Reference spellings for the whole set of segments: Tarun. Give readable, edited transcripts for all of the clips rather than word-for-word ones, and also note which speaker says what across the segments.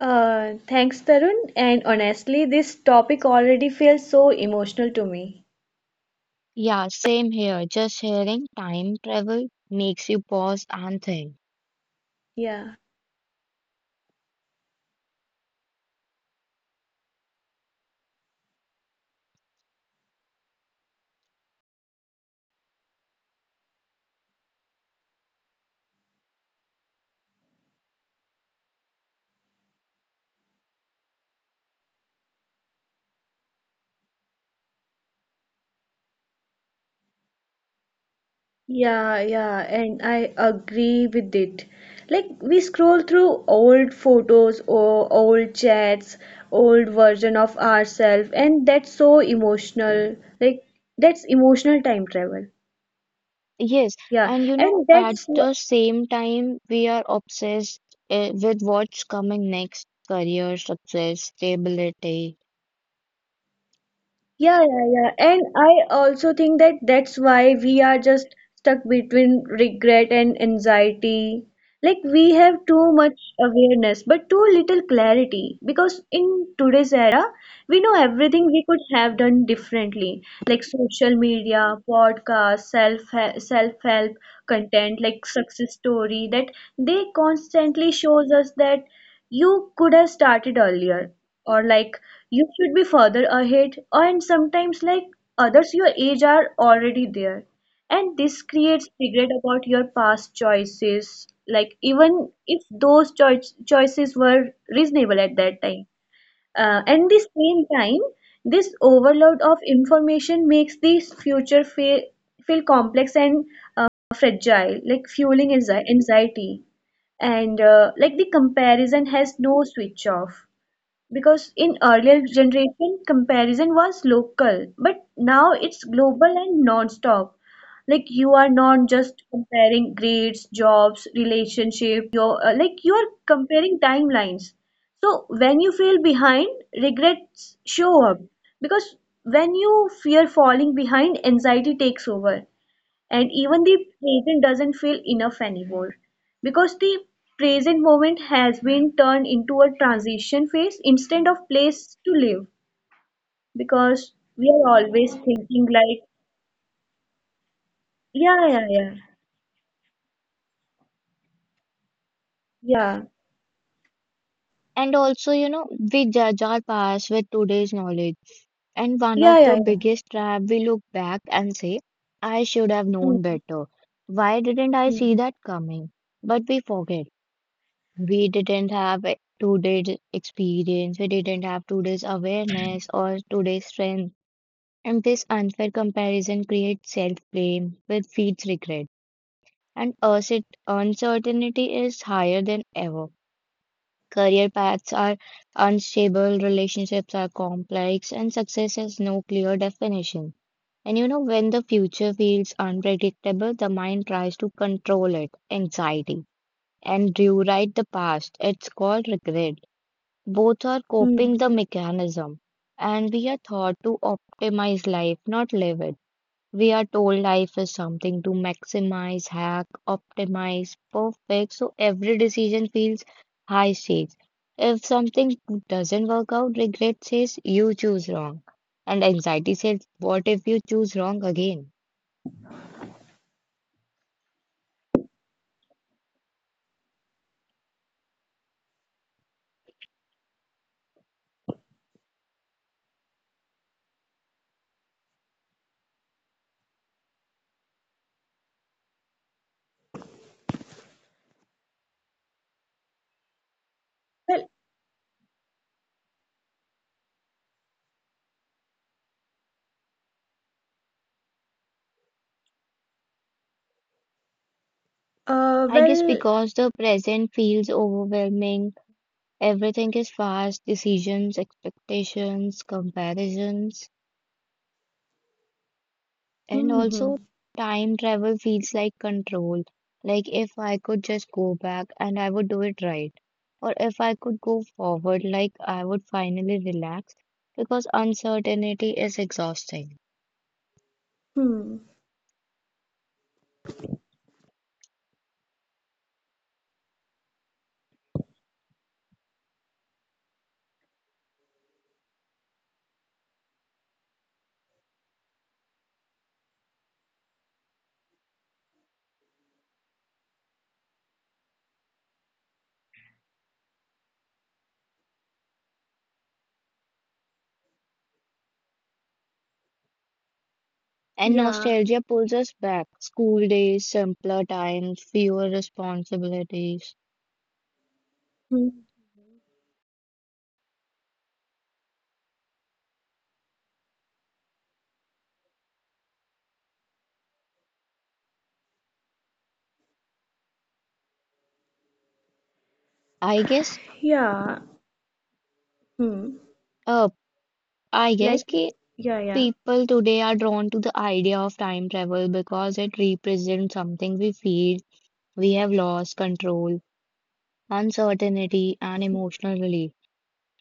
Speaker 1: Thanks, Tarun. And honestly, this topic already feels so emotional to me.
Speaker 2: Yeah, same here. Just hearing time travel makes you pause and think.
Speaker 1: Yeah. Yeah, yeah, and I agree with it. Like, we scroll through old photos or old chats, old version of ourselves, and that's so emotional. Like, that's emotional time travel.
Speaker 2: Yes,
Speaker 1: Yeah,
Speaker 2: and you know,
Speaker 1: and
Speaker 2: at the same time, we are obsessed with what's coming next: career, success, stability.
Speaker 1: I also think that's why we are just stuck between regret and anxiety. Like, we have too much awareness, but too little clarity. Because in today's era, we know everything we could have done differently, like social media, podcasts, self help content, like success story. That they constantly shows us that you could have started earlier, or like you should be further ahead, or and sometimes like others your age are already there, and this creates regret about your past choices, like even if those choices were reasonable at that time, and the same time, this overload of information makes the future feel complex and fragile, like fueling anxiety. And like the comparison has no switch off, because in earlier generation comparison was local, but now it's global and non-stop. Like, you are not just comparing grades, jobs, relationship, your like you are comparing timelines. So when you feel behind, regrets show up, because when you fear falling behind, anxiety takes over, and even the present doesn't feel enough anymore, because the present moment has been turned into a transition phase instead of place to live, because we are always thinking like yeah, yeah, yeah, yeah,
Speaker 2: And also, you know, we judge our past with today's knowledge. And one of
Speaker 1: yeah,
Speaker 2: the
Speaker 1: yeah, yeah.
Speaker 2: biggest trap, we look back and say, I should have known
Speaker 1: Hmm,
Speaker 2: better. Why didn't I
Speaker 1: hmm,
Speaker 2: see that coming? But we forget. We didn't have a today's experience, we didn't have today's awareness or today's strength. And this unfair comparison creates self blame, which feeds regret. And us, it uncertainty is higher than ever. Career paths are unstable, relationships are complex, and success has no clear definition. And you know, when the future feels unpredictable, the mind tries to control it, anxiety, and rewrite the past. It's called regret. Both are coping
Speaker 1: hmm.
Speaker 2: the mechanism, and we are taught to optimize life, not live it. We are told life is something to maximize, hack, optimize, perfect, so every decision feels high stakes. If something doesn't work out, regret says you choose wrong, and anxiety says, what if you choose wrong again?
Speaker 1: Well, uh,
Speaker 2: I guess
Speaker 1: well,
Speaker 2: because the present feels overwhelming, everything is fast decisions, expectations, comparisons. And
Speaker 1: hmm, hmm,
Speaker 2: also, time travel feels like control. Like, if I could just go back and I would do it right. Or if I could go forward, like, I would finally relax because uncertainty is exhausting.
Speaker 1: hmm,
Speaker 2: And
Speaker 1: yeah,
Speaker 2: nostalgia pulls us back. School days, simpler times, fewer responsibilities.
Speaker 1: hmm,
Speaker 2: I guess,
Speaker 1: yeah, hmm.
Speaker 2: uh, I
Speaker 1: Like,
Speaker 2: guess ki
Speaker 1: yeah, yeah.
Speaker 2: people today are drawn to the idea of time travel because it represents something we feel we have lost: control, uncertainty, and emotional relief.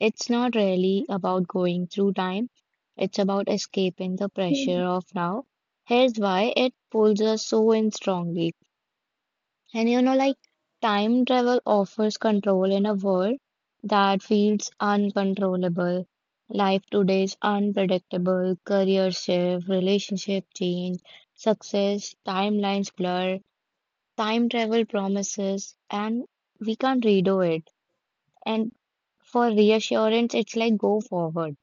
Speaker 2: It's not really about going through time, it's about escaping the
Speaker 1: Hmm,
Speaker 2: pressure of now. Here's why it pulls us so in strongly. And you know, like time travel offers control in a world that feels uncontrollable. Life today is unpredictable, career shift, relationship change, success, timelines blur, time travel promises, and we can't redo it. And for reassurance, it's like go forward.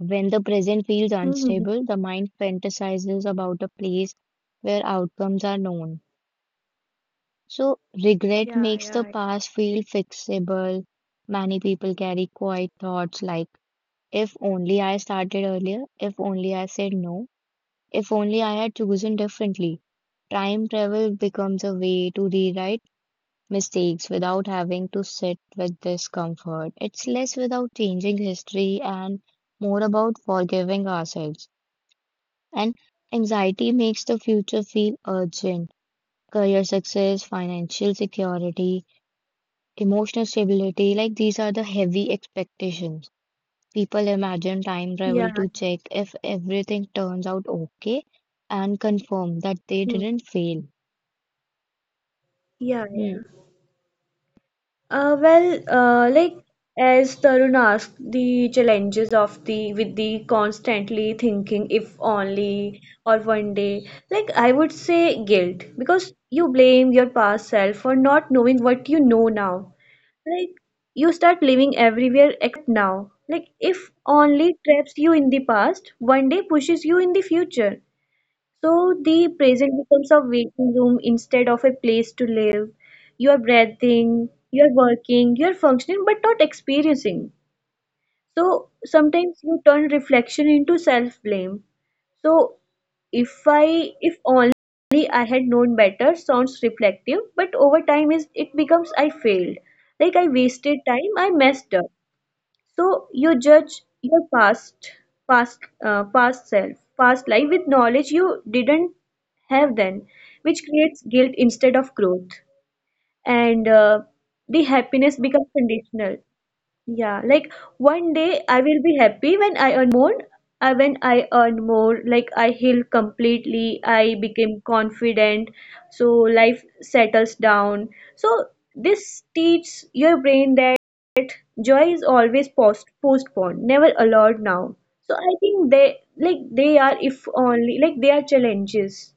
Speaker 2: When the present feels
Speaker 1: hmm, hmm, hmm.
Speaker 2: unstable, the mind fantasizes about a place where outcomes are known. So, regret
Speaker 1: Yeah,
Speaker 2: makes the
Speaker 1: yeah,
Speaker 2: past feel fixable. Many people carry quiet thoughts like, if only I started earlier, if only I said no, if only I had chosen differently. Time travel becomes a way to rewrite mistakes without having to sit with discomfort. It's less without changing history and more about forgiving ourselves. And anxiety makes the future feel urgent. Career success, financial security, emotional stability like these are the heavy expectations. People imagine time
Speaker 1: yeah,
Speaker 2: travel
Speaker 1: yeah,
Speaker 2: to check if everything turns out okay and confirm that they
Speaker 1: hmm,
Speaker 2: didn't fail.
Speaker 1: yeah, yeah.
Speaker 2: Hmm.
Speaker 1: Like as Tarun asked, the challenges of the constantly thinking if only or one day, like I would say guilt, because you blame your past self for not knowing what you know now. Like, you start living everywhere except now. Like if only traps you in the past, one day pushes you in the future. So the present becomes a waiting room instead of a place to live. You are breathing, you are working, you are functioning, but not experiencing. So sometimes you turn reflection into self blame. So if only I had known better sounds reflective, but over time is it becomes I failed. Like, I wasted time, I messed up. So you judge your past, past, past self, past life with knowledge you didn't have then, which creates guilt instead of growth. And the happiness becomes conditional. Yeah, like one day I will be happy when I earn more. When I earn more, like I heal completely, I became confident, so life settles down. So this teaches your brain that joy is always postponed, never allowed now. So I think they like they are if only, like they are challenges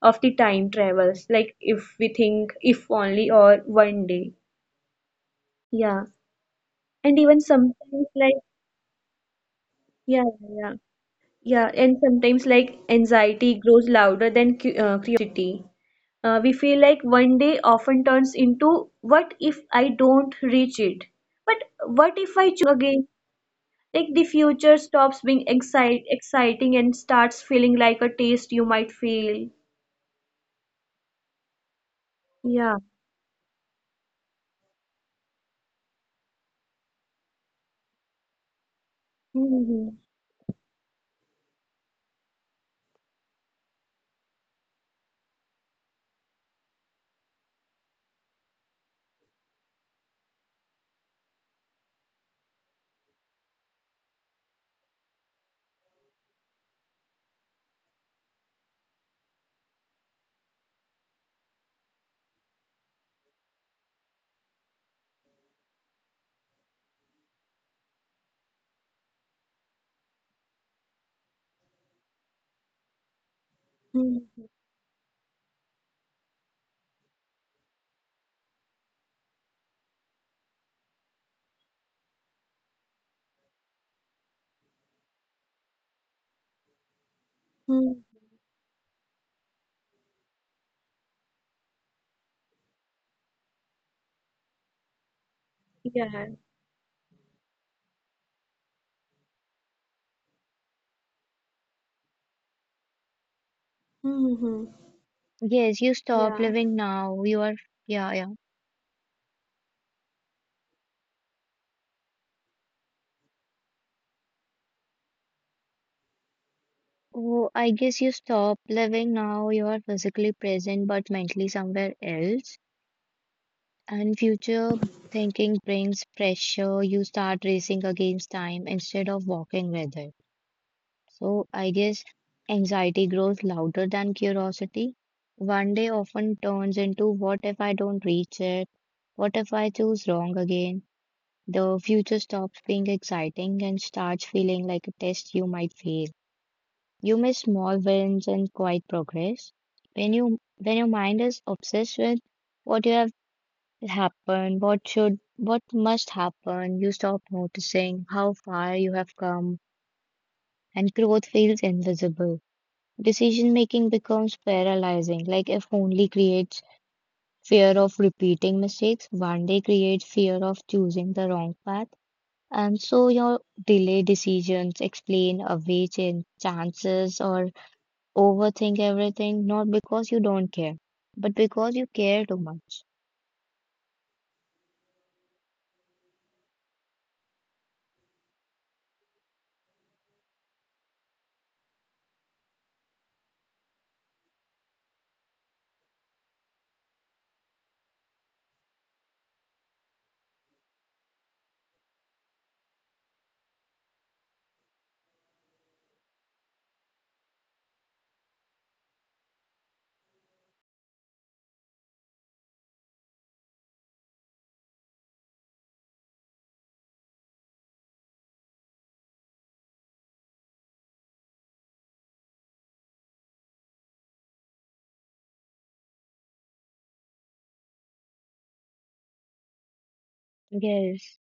Speaker 1: of the time travels, like if we think if only or one day. Yeah. And even sometimes like yeah, yeah, yeah. Yeah, and sometimes like anxiety grows louder than cu curiosity. We feel like one day often turns into what if I don't reach it? But what if I again? Like the future stops being excite exciting and starts feeling like a taste you might fail. Yeah. Hmm, hmm, hmm. Yeah. Hmm.
Speaker 2: Yes, you stop
Speaker 1: Yeah.
Speaker 2: living now. You are, yeah, yeah. Oh, I guess you stop living now. You are physically present but mentally somewhere else. And future thinking brings pressure. You start racing against time instead of walking with it. So I guess anxiety grows louder than curiosity. One day often turns into what if I don't reach it? What if I choose wrong again? The future stops being exciting and starts feeling like a test you might fail. You miss small wins and quiet progress. When you when your mind is obsessed with what you have happened, what must happen, you stop noticing how far you have come and growth feels invisible. Decision making becomes paralyzing, like if only creates fear of repeating mistakes, one day creates fear of choosing the wrong path. And so your delay decisions explain away chances or overthink everything, not because you don't care, but because you care too much. Yes,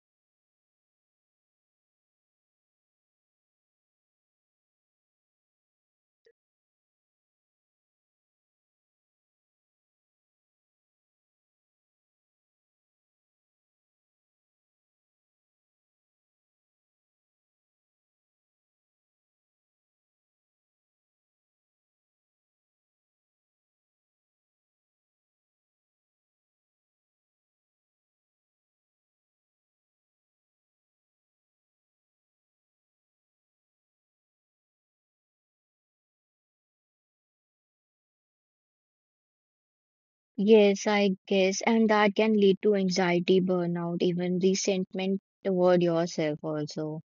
Speaker 2: yes, I guess. And that can lead to anxiety, burnout, even resentment toward yourself also.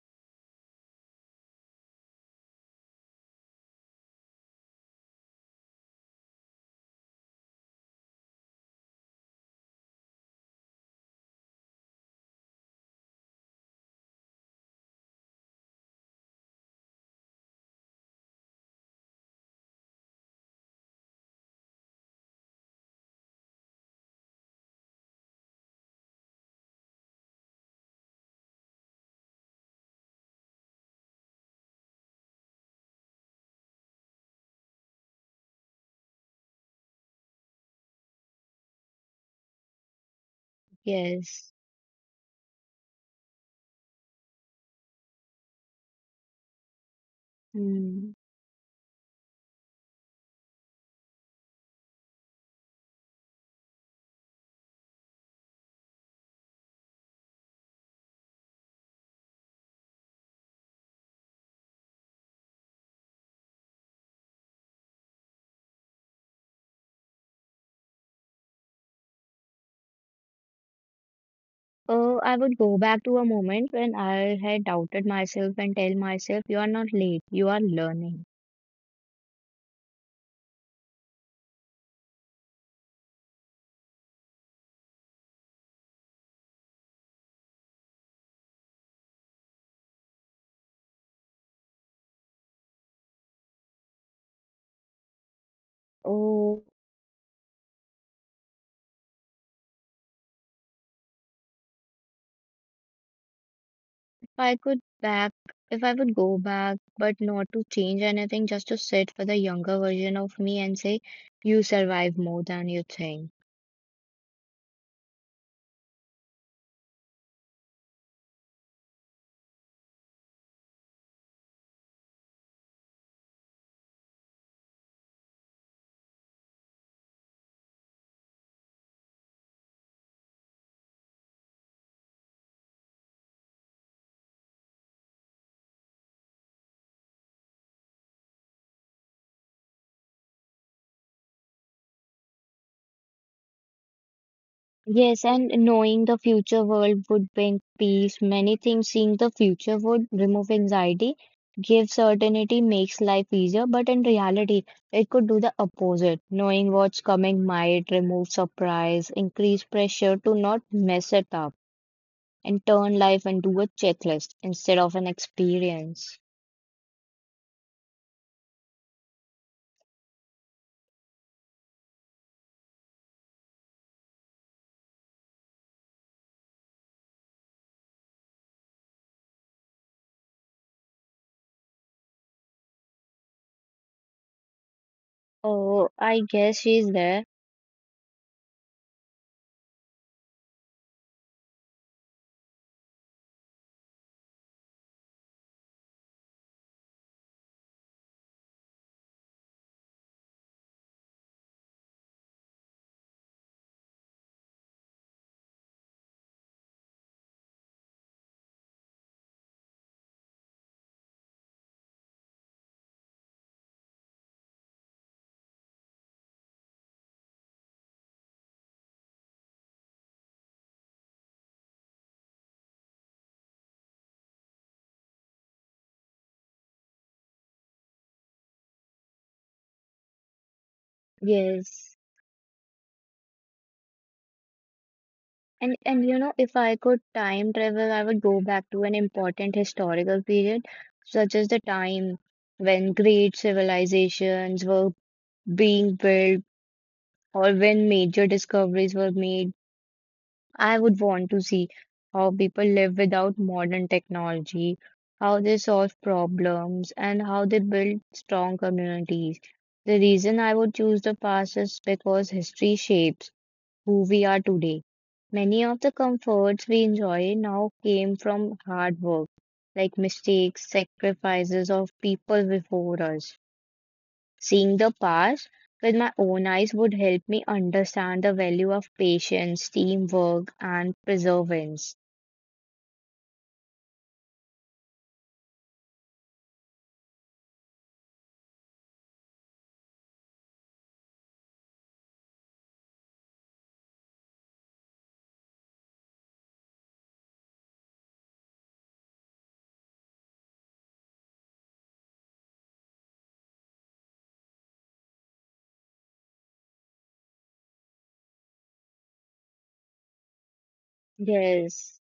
Speaker 2: Yes. Hmm. I would go back to a moment when I had doubted myself and tell myself, you are not late, you are learning. Oh, I could back if I would go back, but not to change anything, just to sit with a younger version of me and say, you survive more than you think. Yes, and knowing the future world would bring peace, many things seeing the future would remove anxiety, give certainty, makes life easier, but in reality, it could do the opposite. Knowing what's coming might remove surprise, increase pressure to not mess it up, and turn life into a checklist instead of an experience. Oh, I guess she's there. Yes. And you know, if I could time travel, I would go back to an important historical period, such as the time when great civilizations were being built or when major discoveries were made. I would want to see how people live without modern technology, how they solve problems, and how they build strong communities. The reason I would choose the past is because history shapes who we are today. Many of the comforts we enjoy now came from hard work, like mistakes, sacrifices of people before us. Seeing the past with my own eyes would help me understand the value of patience, teamwork, and perseverance. Yes,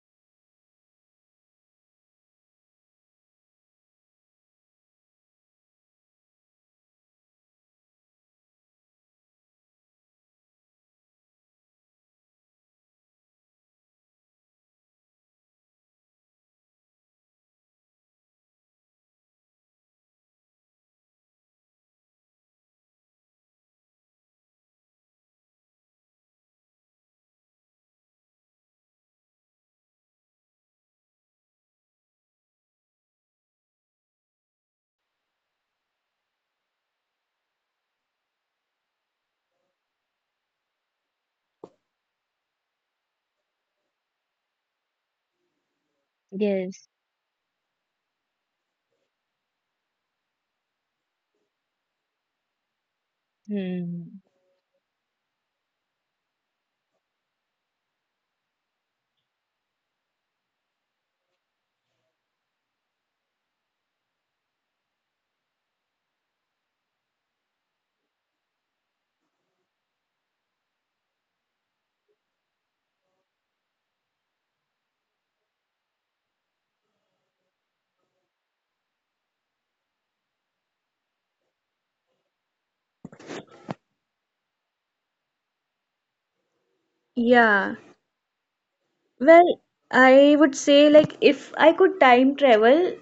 Speaker 2: yes. Hmm.
Speaker 1: Yeah, well, I would say like if I could time travel,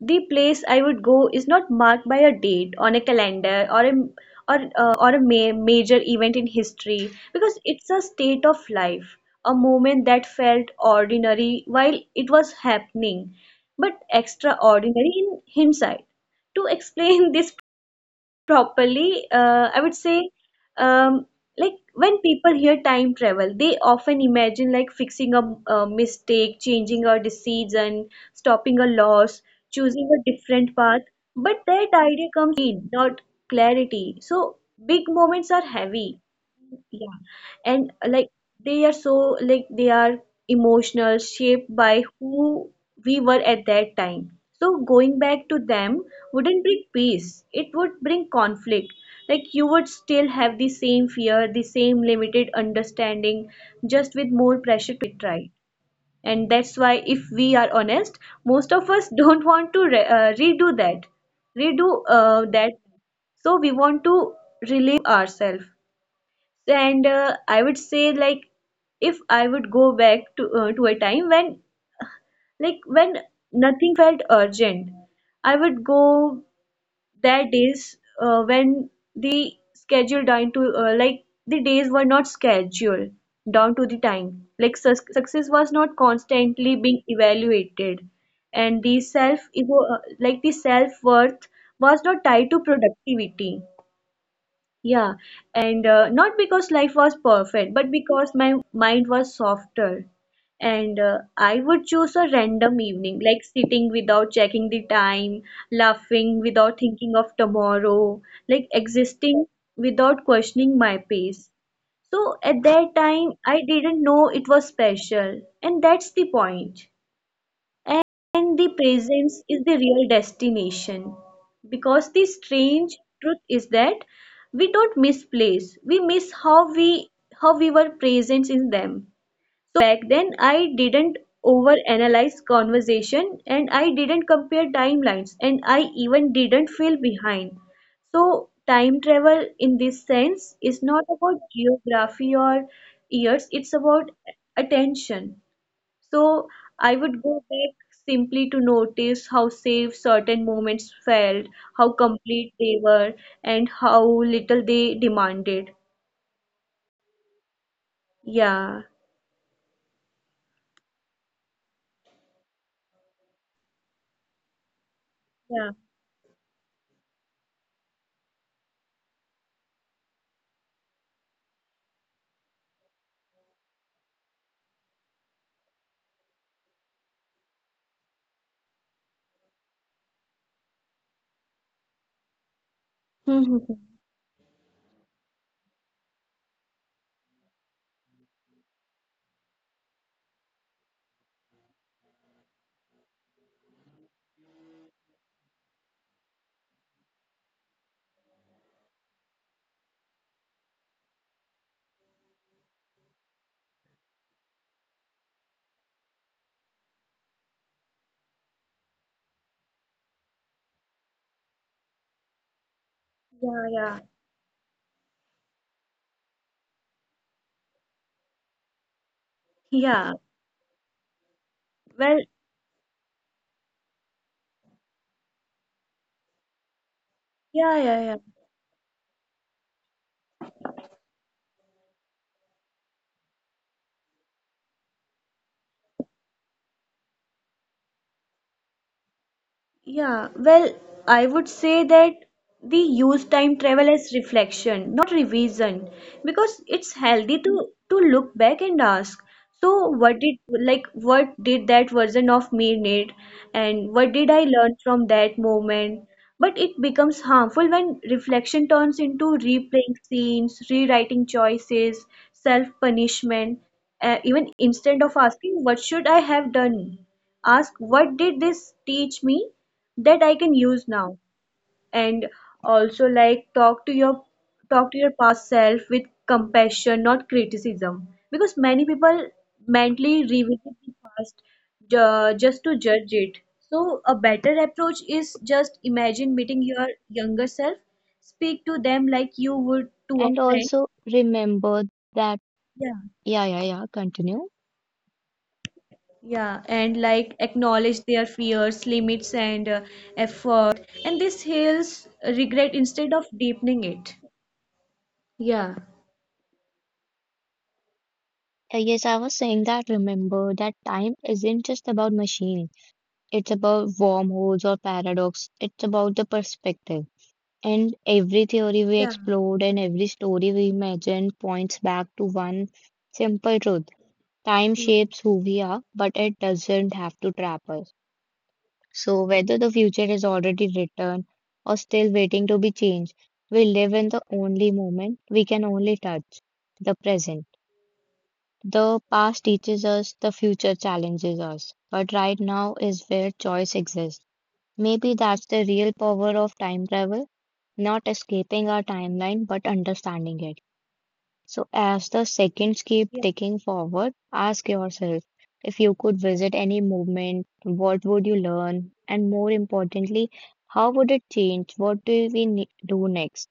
Speaker 1: the place I would go is not marked by a date on a calendar or a or or a ma major event in history, because it's a state of life, a moment that felt ordinary while it was happening, but extraordinary in hindsight. To explain this properly, I would say um, like when people hear time travel they often imagine like fixing a mistake, changing a decision, stopping a loss, choosing a different path, but that idea comes pain not clarity. So big moments are heavy, yeah. And like they are so like they are emotional, shaped by who we were at that time. So going back to them wouldn't bring peace. It would bring conflict. Like, you would still have the same fear, the same limited understanding, just with more pressure to it, right. And that's why, if we are honest, most of us don't want to redo that, redo that. So we want to relieve ourselves. And I would say like if I would go back to a time when when nothing felt urgent, I would go that days when the schedule down to like the days were not scheduled down to the time, like success was not constantly being evaluated, and the self ego like the self worth was not tied to productivity. Yeah, and not because life was perfect, but because my mind was softer. And I would choose a random evening, like sitting without checking the time, laughing without thinking of tomorrow, like existing without questioning my pace. So at that time, I didn't know it was special, and that's the point. And the presence is the real destination. Because the strange truth is that we don't miss place, we miss how we were present in them. Back then I didn't overanalyze conversation, and I didn't compare timelines, and I even didn't feel behind. So time travel in this sense is not about geography or years, it's about attention. So I would go back simply to notice how safe certain moments felt, how complete they were, and how little they demanded. Yeah, yeah. Yeah, yeah. Yeah. Well, yeah, yeah, yeah. Yeah, well, I would say that the use time travel as reflection, not revision, because it's healthy to look back and ask, so what did like what did that version of me need, and what did I learn from that moment? But it becomes harmful when reflection turns into replaying scenes, rewriting choices, self-punishment, even instead of asking what should I have done, ask what did this teach me that I can use now. And also like talk to your past self with compassion not criticism, because many people mentally revisit the past just to judge it. So a better approach is just imagine meeting your younger self, speak to them like you would to a
Speaker 2: And
Speaker 1: friend,
Speaker 2: also remember that,
Speaker 1: yeah,
Speaker 2: yeah, yeah, yeah, continue.
Speaker 1: yeah, and like acknowledge their fears, limits, and effort, and this heals regret instead of deepening it. Yeah.
Speaker 2: Yes, I was saying that remember that time isn't just about machines. It's about wormholes or paradox. It's about the perspective. And every theory we
Speaker 1: Yeah.
Speaker 2: explored and every story we imagine points back to one simple truth. Time
Speaker 1: Mm.
Speaker 2: shapes who we are, but it doesn't have to trap us. So, whether the future is already written or still waiting to be changed, we live in the only moment we can only touch the present. The past teaches us, the future challenges us. But right now is where choice exists. Maybe that's the real power of time travel, not escaping our timeline but understanding it. So, as the seconds keep
Speaker 1: Yeah.
Speaker 2: ticking forward, ask yourself if you could visit any movement, what would you learn? And more importantly, how would it change? What do we do next?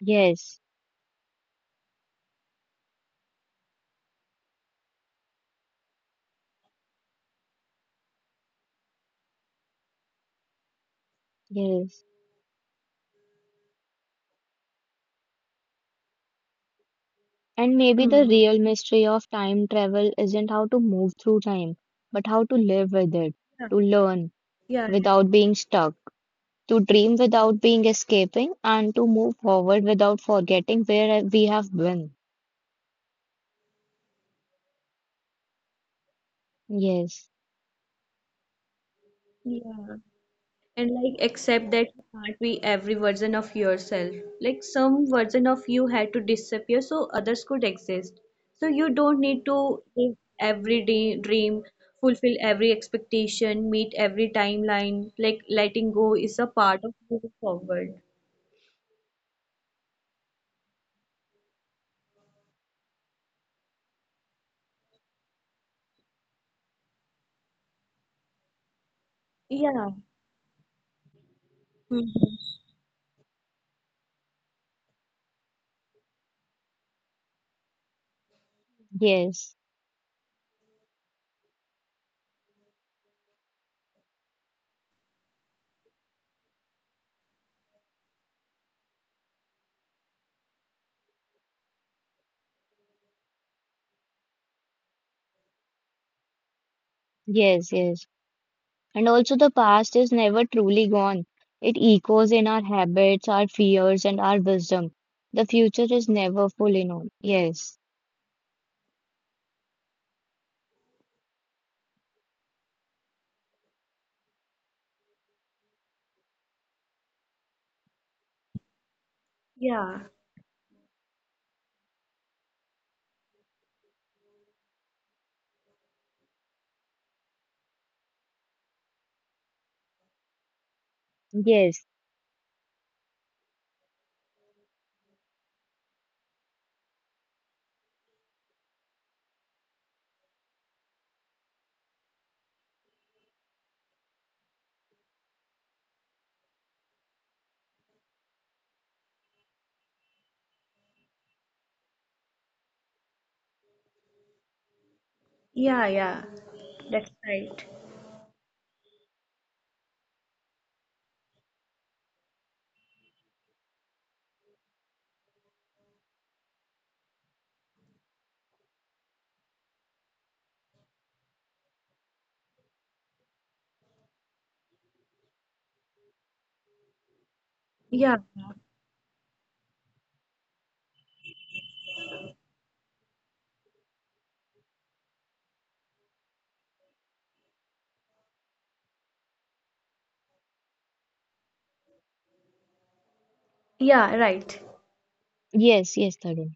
Speaker 2: Yes, yes. And maybe the
Speaker 1: Hmm.
Speaker 2: real mystery of time travel isn't how to move through time, but how to live with it,
Speaker 1: Yeah.
Speaker 2: to learn
Speaker 1: Yeah.
Speaker 2: without being stuck, to dream without being escaping and to move forward without forgetting where we have been. Yes,
Speaker 1: Yeah. Yeah. And like accept that you can't be every version of yourself. Like some version of you had to disappear so others could exist. So you don't need to live every day dream, fulfill every expectation, meet every timeline. Like, letting go is a part of moving forward. Yeah. Mhm.
Speaker 2: yes, yes, yes. And also, the past is never truly gone. It echoes in our habits, our fears, and our wisdom. The future is never fully known. Yes,
Speaker 1: Yeah.
Speaker 2: yes,
Speaker 1: Yeah, yeah. That's right. Yeah. Yeah, right.
Speaker 2: yes, yes, Tarun.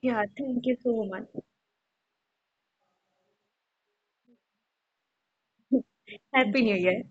Speaker 1: Yeah, thank you so much. Happy New Year.